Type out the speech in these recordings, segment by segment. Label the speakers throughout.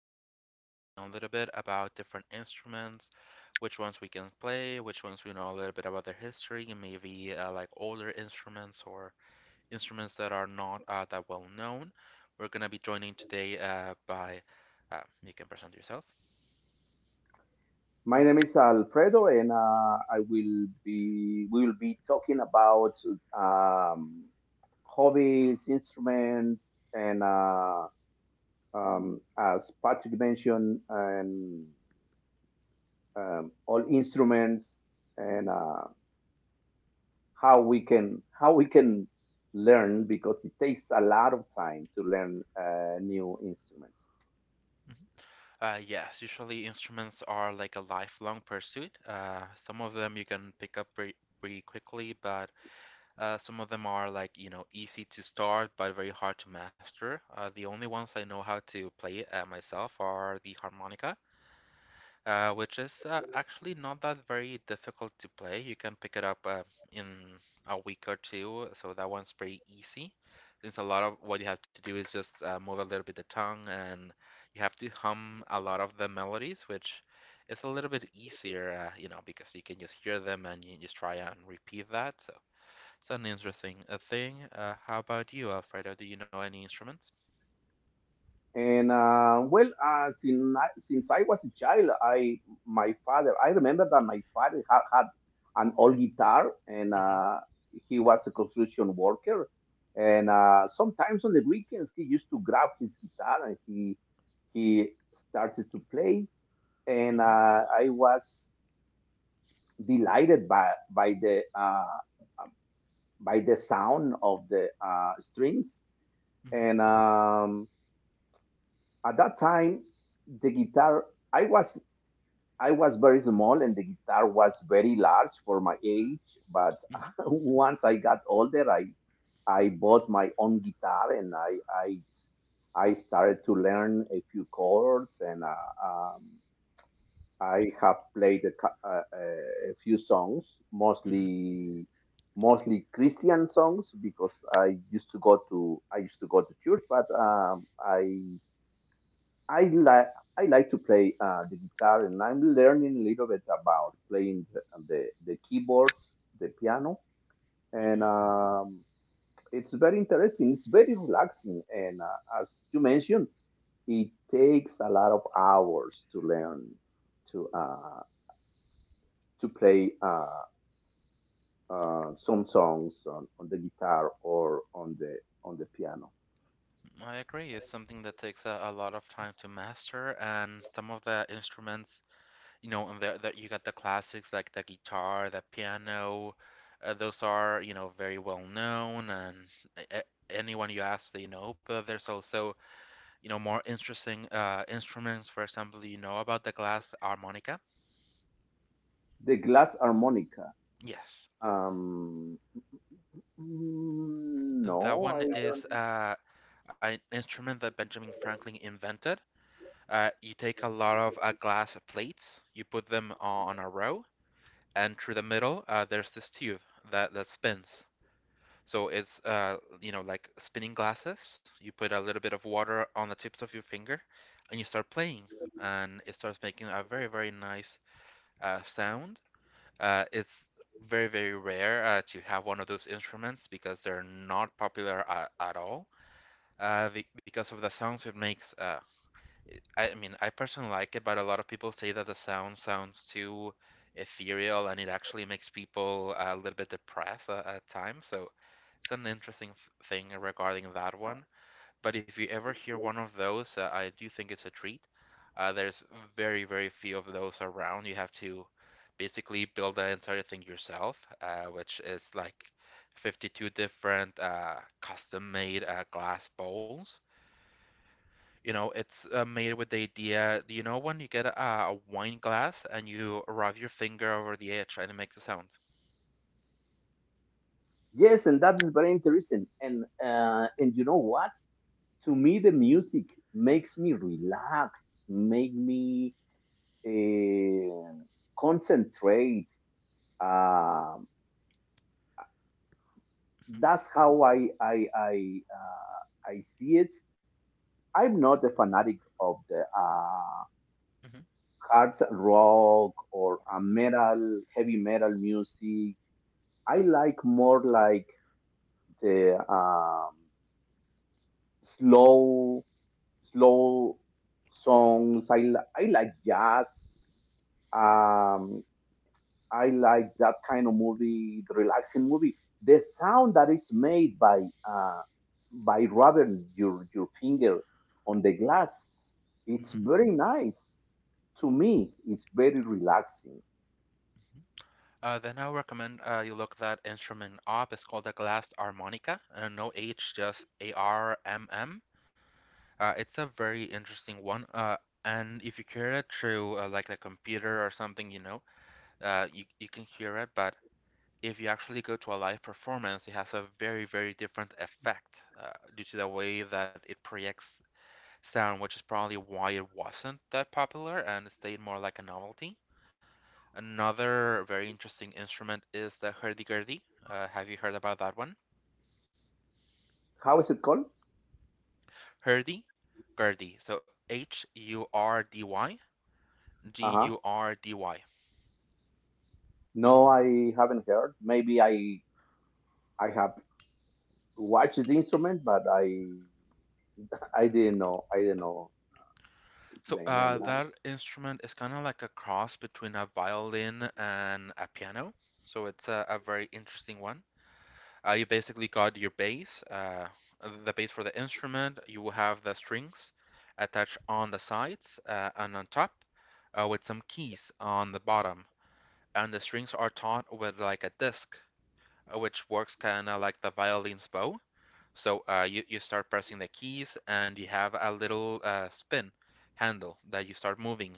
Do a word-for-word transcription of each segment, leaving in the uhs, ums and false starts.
Speaker 1: We're going to be speaking a little bit about different instruments, which ones we can play, which ones we know a little bit about their history, and maybe uh, like older instruments or instruments that are not uh, that well known. We're going to be joining today uh, by, uh, you can present yourself.
Speaker 2: My name is Alfredo, and uh, I will be we will be talking about um, hobbies, instruments, and uh, um, as Patrick mentioned, and um, all instruments, and uh, how we can how we can learn because it takes a lot of time to learn uh, new instruments.
Speaker 1: Mhm. Uh, yes, usually instruments are like a lifelong pursuit. Uh, some of them you can pick up pretty, pretty quickly, but Uh, some of them are like, you know, easy to start but very hard to master. Uh, the only ones I know how to play uh, myself are the harmonica, uh, which is uh, actually not that very difficult to play. You can pick it up uh, in a week or two, so that one's pretty easy. Since a lot of what you have to do is just uh, move a little bit the tongue and you have to hum a lot of the melodies, which is a little bit easier, uh, you know, because you can just hear them and you just try and repeat that. So. Sounds interesting. A thing. Uh, how about you, Alfredo? Do you know any instruments?
Speaker 2: And uh, well, uh, since I, since I was a child, I my father I remember that my father had, had an old guitar, and
Speaker 1: Mm-hmm.
Speaker 2: uh, he was a construction worker. And uh, Sometimes on the weekends, he used to grab his guitar and he he started to play. And
Speaker 1: Mm-hmm.
Speaker 2: uh, I was delighted by by the uh, by the sound of the uh, strings.
Speaker 1: Mm-hmm.
Speaker 2: And. Um, at that time the guitar i was i was very small and the guitar was very large for my age, but
Speaker 1: Mm-hmm.
Speaker 2: once I got older i i bought my own guitar and i i i started to learn a few chords, and uh, um, i have played a, cou- uh, uh, a few songs,
Speaker 1: Mm-hmm.
Speaker 2: mostly mostly Christian songs because i used to go to I used to go to church, but um, i I like I like to play uh, the guitar, and I'm learning a little bit about playing the the, the keyboard, the piano,
Speaker 1: Mm-hmm.
Speaker 2: and um, it's very interesting. It's very relaxing, and uh, as you mentioned, it takes a lot of hours to learn to uh, to play uh, uh, some songs on, on the guitar or on the on the piano.
Speaker 1: I agree. It's something that takes a, a lot of time to master, and some of the instruments, you know, and there that you got the classics like the guitar, the piano. Uh, those are, you know, very well known, and a- a- anyone you ask, they know. But there's also, you know, more interesting uh, instruments. For example, you know about the glass harmonica?
Speaker 2: The glass harmonica.
Speaker 1: Yes.
Speaker 2: Um, mm, no,
Speaker 1: That one
Speaker 2: I
Speaker 1: is
Speaker 2: don't.
Speaker 1: uh an instrument that Benjamin Franklin invented. Uh, you take a lot of uh, glass plates, you put them on a row, and through the middle, uh, there's this tube that, that spins. So it's uh, you know, like spinning glasses. You put a little bit of water on the tips of your finger, and you start playing, and it starts making a very very nice uh, sound. Uh, it's very very rare uh, to have one of those instruments because they're not popular at, at all uh, because of the sounds it makes. Uh, I mean, I personally like it, but a lot of people say that the sound sounds too ethereal and it actually makes people uh, a little bit depressed uh, at times. So it's an interesting f thing regarding that one. But if you ever hear one of those, uh, I do think it's a treat. Uh, there's very, very few of those around. You have to basically build the entire thing yourself, uh, which is like fifty-two different uh, custom-made uh, glass bowls. You know, it's uh, made with the idea, you know, when you get a, a wine glass and you rub your finger over the edge and it makes a sound.
Speaker 2: Yes, and that is very interesting. And uh, and you know what? To me, the music makes me relax, make me uh, concentrate. Um
Speaker 1: Mhm,
Speaker 2: that's how I I I uh, I see it. I'm not a fanatic of the uh,
Speaker 1: mhm,
Speaker 2: hard rock or uh, metal, heavy metal music. I like more like the um, slow slow songs. I, li- I like jazz. Um, I like that kind of movie, the relaxing movie. The sound that is made by uh, by rubbing your your finger on the glass, it's
Speaker 1: mhm,
Speaker 2: very nice to me. It's very relaxing.
Speaker 1: mhm. Uh, then I recommend uh, you look that instrument up. It's called a glass harmonica. Uh, no H, just A R M M. Uh, it's a very interesting one. Uh, and if you hear it through uh, like a computer or something, you know, uh, you you can hear it, but if you actually go to a live performance, it has a very, very different effect uh, due to the way that it projects sound, which is probably why it wasn't that popular and stayed more like a novelty. Another very interesting instrument is the hurdy-gurdy. Uh, have you heard about that one?
Speaker 2: How is it called?
Speaker 1: Hurdy-gurdy. So H U R D Y,
Speaker 2: Uh huh.
Speaker 1: G U R D Y.
Speaker 2: No, I haven't heard. Maybe I I have watched the instrument, but I I didn't know. I didn't know its
Speaker 1: So
Speaker 2: name.
Speaker 1: uh,
Speaker 2: And
Speaker 1: that instrument is kind of like a cross between a violin and a piano. So it's a, a very interesting one. Uh, you basically got your bass, uh, the bass for the instrument. You will have the strings attached on the sides uh, and on top, uh, with some keys on the bottom. And the strings are taught with like a disc, uh, which works kind of like the violin's bow. So uh, you, you start pressing the keys, and you have a little uh, spin handle that you start moving.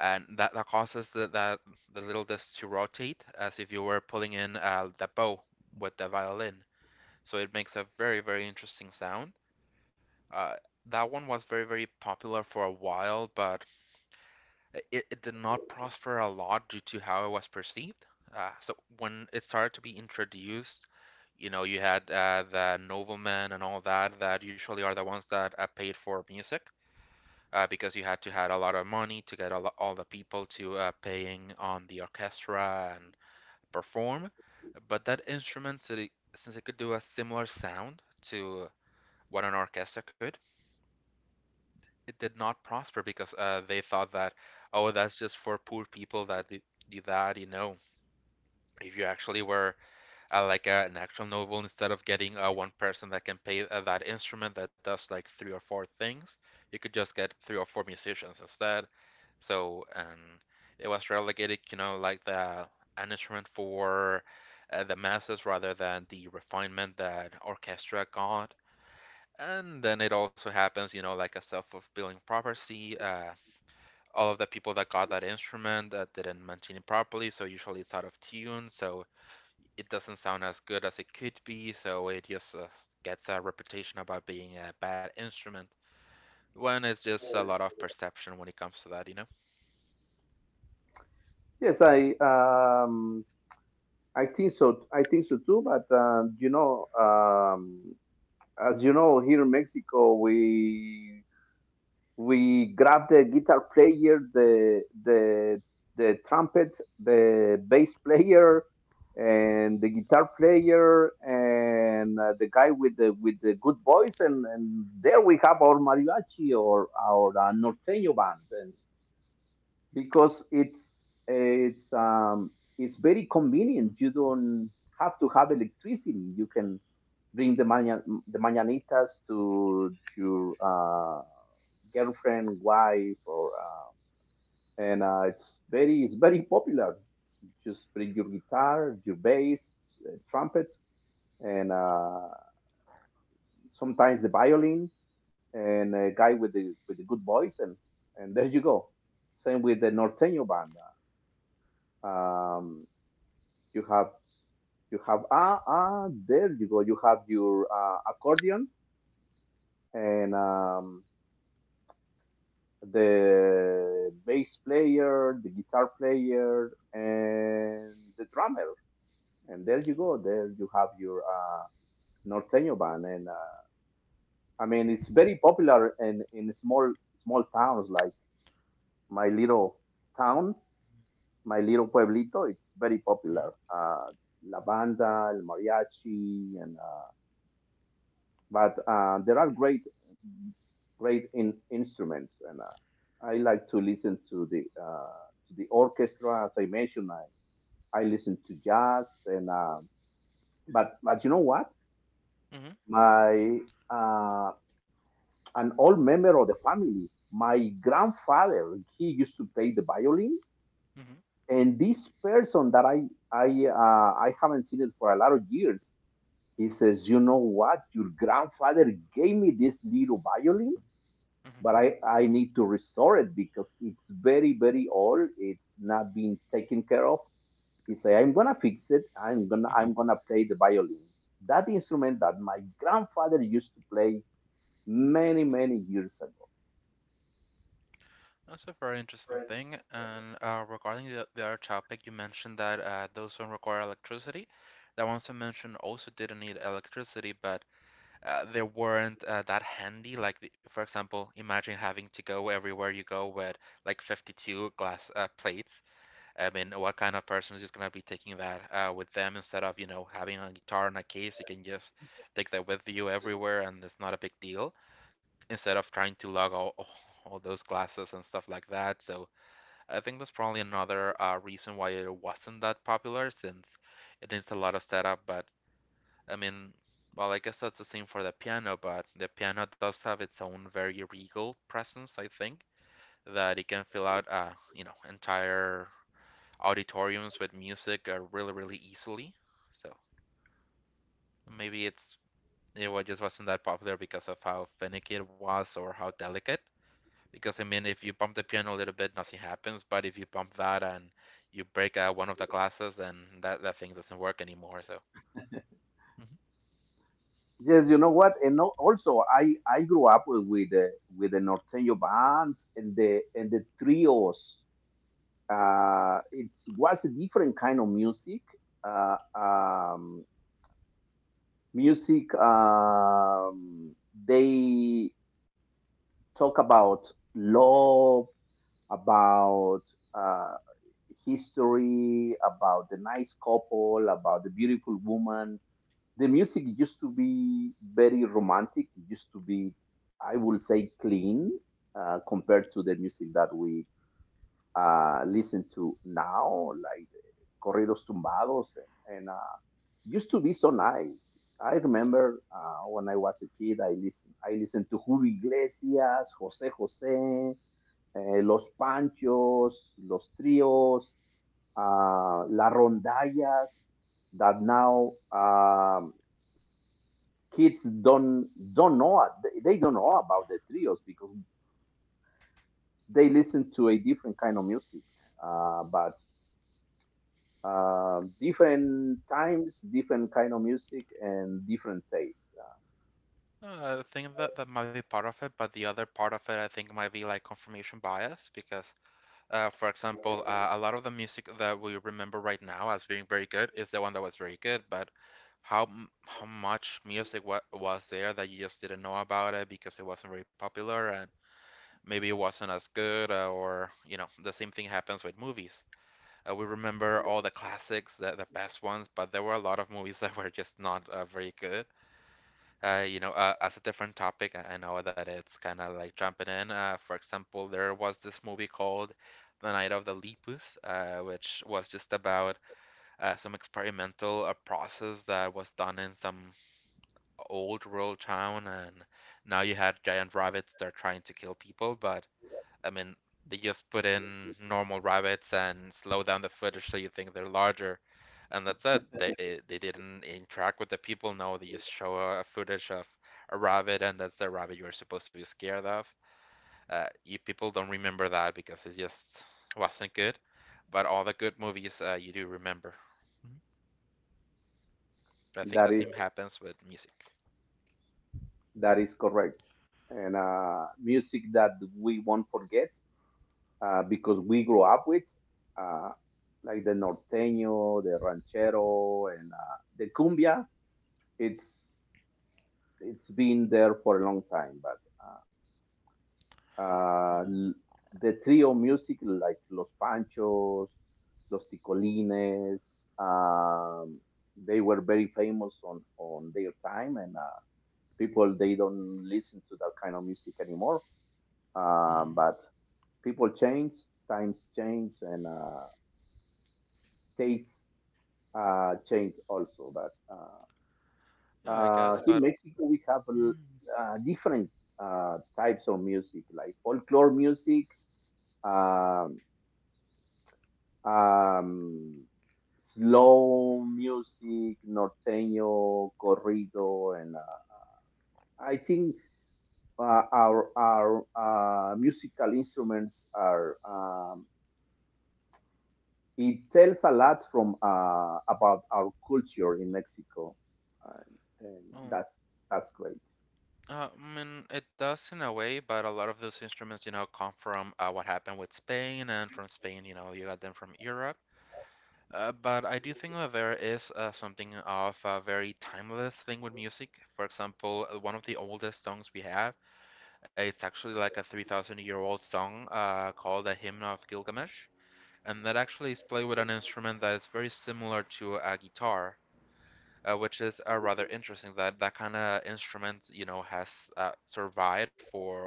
Speaker 1: And that, that causes the, that the little disc to rotate as if you were pulling in uh, the bow with the violin. So it makes a very, very interesting sound. Uh, that one was very, very popular for a while, but it, it did not prosper a lot due to how it was perceived. Uh, so when it started to be introduced, you know, you had uh, the noblemen and all that, that usually are the ones that uh, paid for music uh, because you had to had a lot of money to get all, all the people to uh, paying on the orchestra and perform. But that instrument, so since it could do a similar sound to what an orchestra could. It did not prosper because uh, they thought that, oh, that's just for poor people that do that. You know, if you actually were uh, like uh, an actual novel, instead of getting uh, one person that can play uh, that instrument that does like three or four things, you could just get three or four musicians instead. So, and it was relegated, you know, like the an instrument for uh, the masses rather than the refinement that orchestra got. And then it also happens, you know, like a self-fulfilling prophecy. Uh, all of the people that got that instrument uh, didn't mention it properly, so usually it's out of tune, so it doesn't sound as good as it could be, so it just uh, gets a reputation about being a bad instrument. When it's just
Speaker 2: uh,
Speaker 1: a lot of perception when it comes to that, you know?
Speaker 2: yes, I um, I think so. I think so too. But um, you know, um, as you know, here in Mexico, we we grab the guitar player, the the the trumpet, the bass player, and the guitar player, and uh, the guy with the with the good voice, and, and there we have our mariachi or our uh, norteño band, and because it's it's um, it's very convenient. You don't have to have electricity. You can bring the maña, the mañanitas to your uh, girlfriend, wife, or uh, and uh, it's very it's very popular. Just bring your guitar, your bass, uh, trumpet, and uh, sometimes the violin, and a guy with the with a good voice, and and there you go. Same with the norteño band. Um, you have you have ah ah there you go, you have your uh, accordion and um, the bass player, the guitar player, and the drummer, and there you go, there you have your uh, norteño band. And uh, I mean, it's very popular in in small small towns like my little town, my little pueblito. It's very
Speaker 1: Mm-hmm.
Speaker 2: popular, uh, la banda, el mariachi. And uh, but uh, there are great great in, instruments, and uh, I like to listen to the uh, to the orchestra. As I mentioned, I, I listen to jazz, and uh, but but you know what?
Speaker 1: Mm-hmm.
Speaker 2: My uh, an old member of the family, my grandfather, he used to play the violin,
Speaker 1: Mm-hmm.
Speaker 2: and this person that I I uh, I haven't seen it for a lot of years. He says, "You know what? Your grandfather gave me this little violin, but
Speaker 1: Mm-hmm.
Speaker 2: I, I need to restore it because it's very very old, it's not being taken care of." He said, "I'm gonna fix it. i'm gonna I'm gonna play the violin, that instrument that my grandfather used to play many many years ago."
Speaker 1: That's a very interesting thing. And uh, regarding the, the other topic, you mentioned that uh, those don't require electricity. That ones I mentioned also didn't need electricity, but uh, they weren't uh, that handy. Like, the, for example, imagine having to go everywhere you go with like fifty-two glass uh, plates. I mean, what kind of person is just gonna be taking that uh, with them instead of, you know, having a guitar in a case? You can just take that with you everywhere, and it's not a big deal instead of trying to lug all, all those glasses and stuff like that. So I think that's probably another uh, reason why it wasn't that popular since it needs a lot of setup. But I mean, well, I guess that's the same for the piano, but the piano does have its own very regal presence, I think, that it can fill out, uh, you know, entire auditoriums with music uh, really, really easily. So maybe it's it wa- just wasn't that popular because of how finicky it was or how delicate. Because I mean, if you bump the piano a little bit, nothing happens. But if you bump that and you break uh, one of the glasses, then that, that thing doesn't work anymore. So Mhm.
Speaker 2: Yes, you know what? And no, also, i i grew up with the with the norteño bands and the and the trios. Uh it was a different kind of music. uh, um music um, they talk about love, about uh, history, about the nice couple, about the beautiful woman. The music used to be very romantic, used to be, I would say, clean uh, compared to the music that we uh, listen to now, like corridos tumbados, and, and uh, used to be so nice. I remember uh, when I was a kid, I listened, I listened to Julio Iglesias, Jose Jose, eh, Los Panchos, Los Trios, uh, La Rondallas, that now um, kids don't don't know, they they don't know about the trios because they listen to a different kind of music. Uh, but Um, different times, different kind of music, and different taste. Uh,
Speaker 1: uh, I think that that might be part of it, but the other part of it, I think, might be like confirmation bias. Because, uh, for example, uh, a lot of the music that we remember right now as being very good is the one that was very good. But how how much music wa was there that you just didn't know about it because it wasn't very popular and maybe it wasn't as good, uh, or you know, the same thing happens with movies. Uh, we remember all the classics, the, the best ones, but there were a lot of movies that were just not uh, very good. Uh, you know, uh, as a different topic, I I know that it's kind of like jumping in. Uh, for example, there was this movie called The Night of the Lepus, uh, which was just about uh, some experimental uh, process that was done in some old rural town, and now you had giant rabbits that are trying to kill people, but I mean, they just put in normal rabbits and slow down the footage so you think they're larger. And that's it. They eh, they didn't interact with the people. No, they just show a, a footage of a rabbit, and that's the rabbit you are supposed to be scared of. Uh, you people don't remember that because it just wasn't good. But all the good movies, uh, you do remember. I think the
Speaker 2: that is
Speaker 1: same happens with music.
Speaker 2: that is correct. And uh, music that we won't forget uh, because we grew up with, uh, like the norteño, the ranchero, and uh, the cumbia. It's it's been there for a long time, but uh, uh, the trio music, like Los Panchos, Los Ticolines, um, they were very famous on, on their time, and uh, people, they don't listen to that kind of music anymore. Um, but people change, times change, and uh, tastes uh, change also. But uh,
Speaker 1: Yeah, I
Speaker 2: uh,
Speaker 1: guess.
Speaker 2: In
Speaker 1: But
Speaker 2: Mexico, we have uh, different uh, types of music, like folklore music, um um, slow music, norteño, corrido, and uh, I think uh, our our uh, musical instruments are. Um, it tells a lot from uh, about our culture in Mexico, uh, and
Speaker 1: oh,
Speaker 2: that's that's great.
Speaker 1: Uh, I mean, it does in a way, but a lot of those instruments, you know, come from uh, what happened with Spain, and from Spain, you know, you got them from Europe. Uh, but I do think that there is uh, something of a very timeless thing with music. For example, uh, one of the oldest songs we have, uh, it's actually like a three thousand year old song uh, called the Hymn of Gilgamesh, and that actually is played with an instrument that is very similar to a guitar uh, which is uh, rather interesting that that kind of instrument, you know, has uh, survived for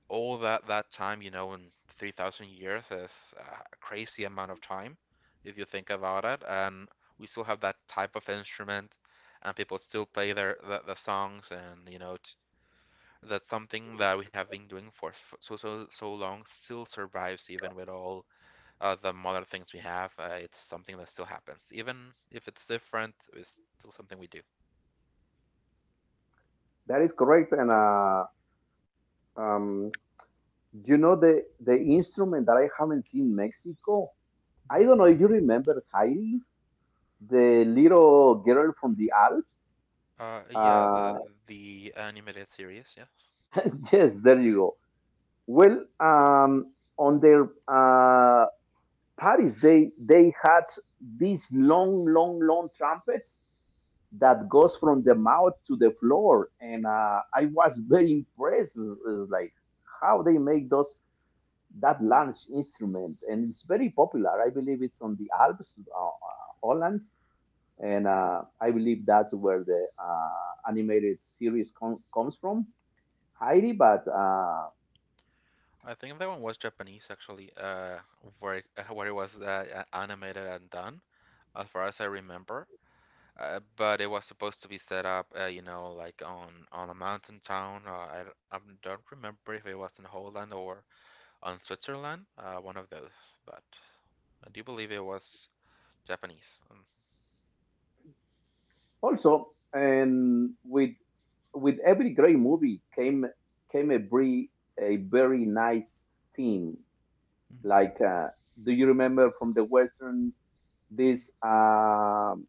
Speaker 1: all that that time, you know, in three thousand years is a crazy amount of time if you think about it. And we still have that type of instrument, and people still play their the, the songs, and you know, t- that's something that we have been doing for f- so so so long still survives even with all uh, the modern things we have. Uh, it's something that still happens, even if it's different. It's still something we do.
Speaker 2: That is correct, and uh, um, you know, the the instrument that I haven't seen in Mexico. I don't know if you remember Heidi, the little girl from the Alps.
Speaker 1: Uh, yeah, the
Speaker 2: Uh,
Speaker 1: the animated series, yeah.
Speaker 2: yes, there you go. Well, um, on their uh, parties, they they had these long, long, long trumpets that goes from the mouth to the floor, and uh, I was very impressed. It's it's like how they make those, that large instrument, and it's very popular. I believe it's on the Alps, uh, uh, Holland, and uh, I believe that's where the uh, animated series com- comes from, Heidi. But uh,
Speaker 1: I think that one was Japanese actually, uh, where it, where it was uh, animated and done, as far as I remember. Uh, but it was supposed to be set up, uh, you know, like on on a mountain town. Uh, I, don't- I don't remember if it was in Holland or on Switzerland, uh, one of those. But I do believe it was Japanese. Um,
Speaker 2: also, and with with every great movie came came a very a very nice theme. Like, uh, do you remember from the western this um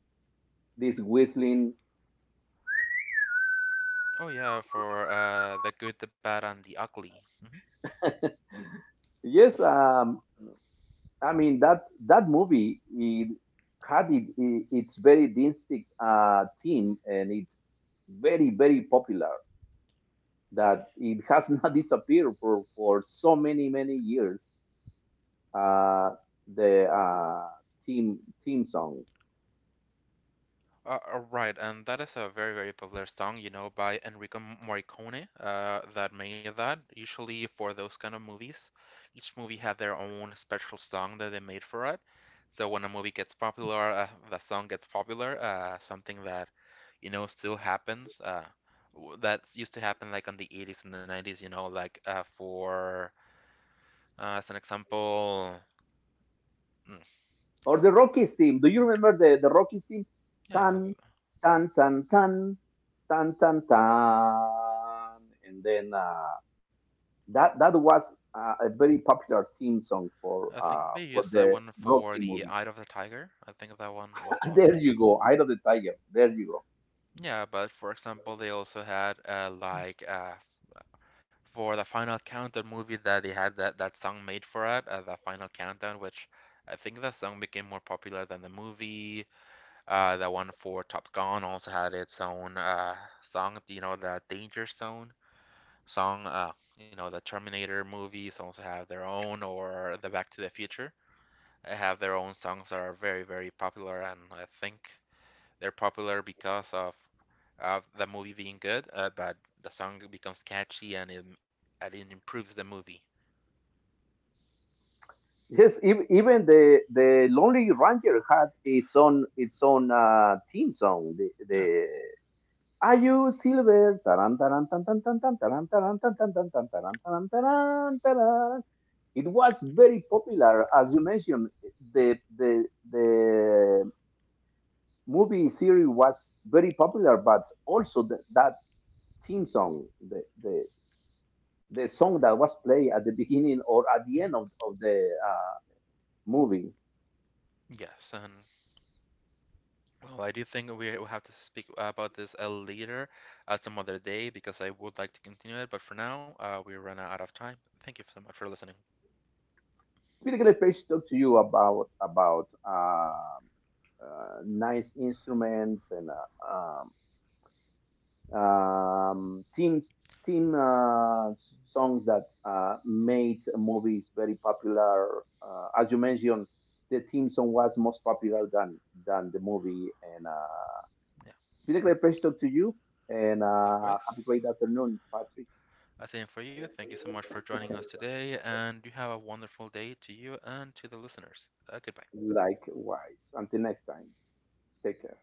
Speaker 2: this whistling?
Speaker 1: oh yeah, for uh, the good, the bad, and the ugly.
Speaker 2: Yes, um, I mean, that that movie, it had it, it, its very distinct uh, theme, and it's very very popular. That it has not disappeared for, for so many many years. Uh, the uh, theme theme song,
Speaker 1: Uh, uh, right, and that is a very, very popular song, you know, by Enrico M- Morricone, uh, that made that. Usually for those kind of movies, each movie had their own special song that they made for it. So when a movie gets popular, uh, the song gets popular, uh, something that, you know, still happens. Uh, w- that used to happen like on the eighties and the nineties, you know, like uh, for, uh, as an example, mm,
Speaker 2: or the Rockies theme. Do you remember the the Rockies theme?
Speaker 1: yeah,
Speaker 2: Tan tan tan tan tan tan tan, and then. uh, That that was uh, a very popular theme song for
Speaker 1: I think
Speaker 2: uh,
Speaker 1: they
Speaker 2: for
Speaker 1: used that
Speaker 2: the
Speaker 1: one for
Speaker 2: Rocky
Speaker 1: the
Speaker 2: movie.
Speaker 1: Eye of the Tiger. I think that one was the one.
Speaker 2: There you go, Eye of the Tiger. There you go.
Speaker 1: Yeah, but for example, they also had uh, like uh, for the Final Countdown movie that they had that, that song made for it, uh, the Final Countdown, which I think the song became more popular than the movie. Uh, the one for Top Gun also had its own uh, song, you know, the Danger Zone song. Uh, you know, the Terminator movies also have their own, or the Back to the Future uh, have their own songs that are very, very popular, and I think. They're popular because of of the movie being good, uh, but the song becomes catchy and it, and it improves the movie.
Speaker 2: Yes, ev- even the the Lonely Ranger had its own its own uh, theme song. The the Are you silver? Taran, taran, tan, tan, tan, tan, taran, taran, tan, tan, tan, tan, taran, taran, taran, taran. It was very popular, as you mentioned. The the the movie series was very popular, but also th- that theme song, the, the, the song that was played at the beginning or at the end of, of the uh, movie.
Speaker 1: Yes, and well, I do think we will have to speak about this uh, later at some other day because I would like to continue it, but for now, uh, we run out of time. Thank you so much for listening.
Speaker 2: Specifically, Page talk to you about about uh, uh, nice instruments and uh, um, um, theme theme uh, s- songs that uh, made movies very popular. Uh, as you mentioned, the theme song was most popular than than the movie, and uh,
Speaker 1: Yeah,
Speaker 2: it's been a great pleasure to talk to you, and uh, have a
Speaker 1: likewise.
Speaker 2: great afternoon, Patrick.
Speaker 1: Uh, Same for you. Thank you so much for joining us today, and you have a wonderful day to you and to the listeners. Uh, goodbye.
Speaker 2: Likewise. Until next time, take care.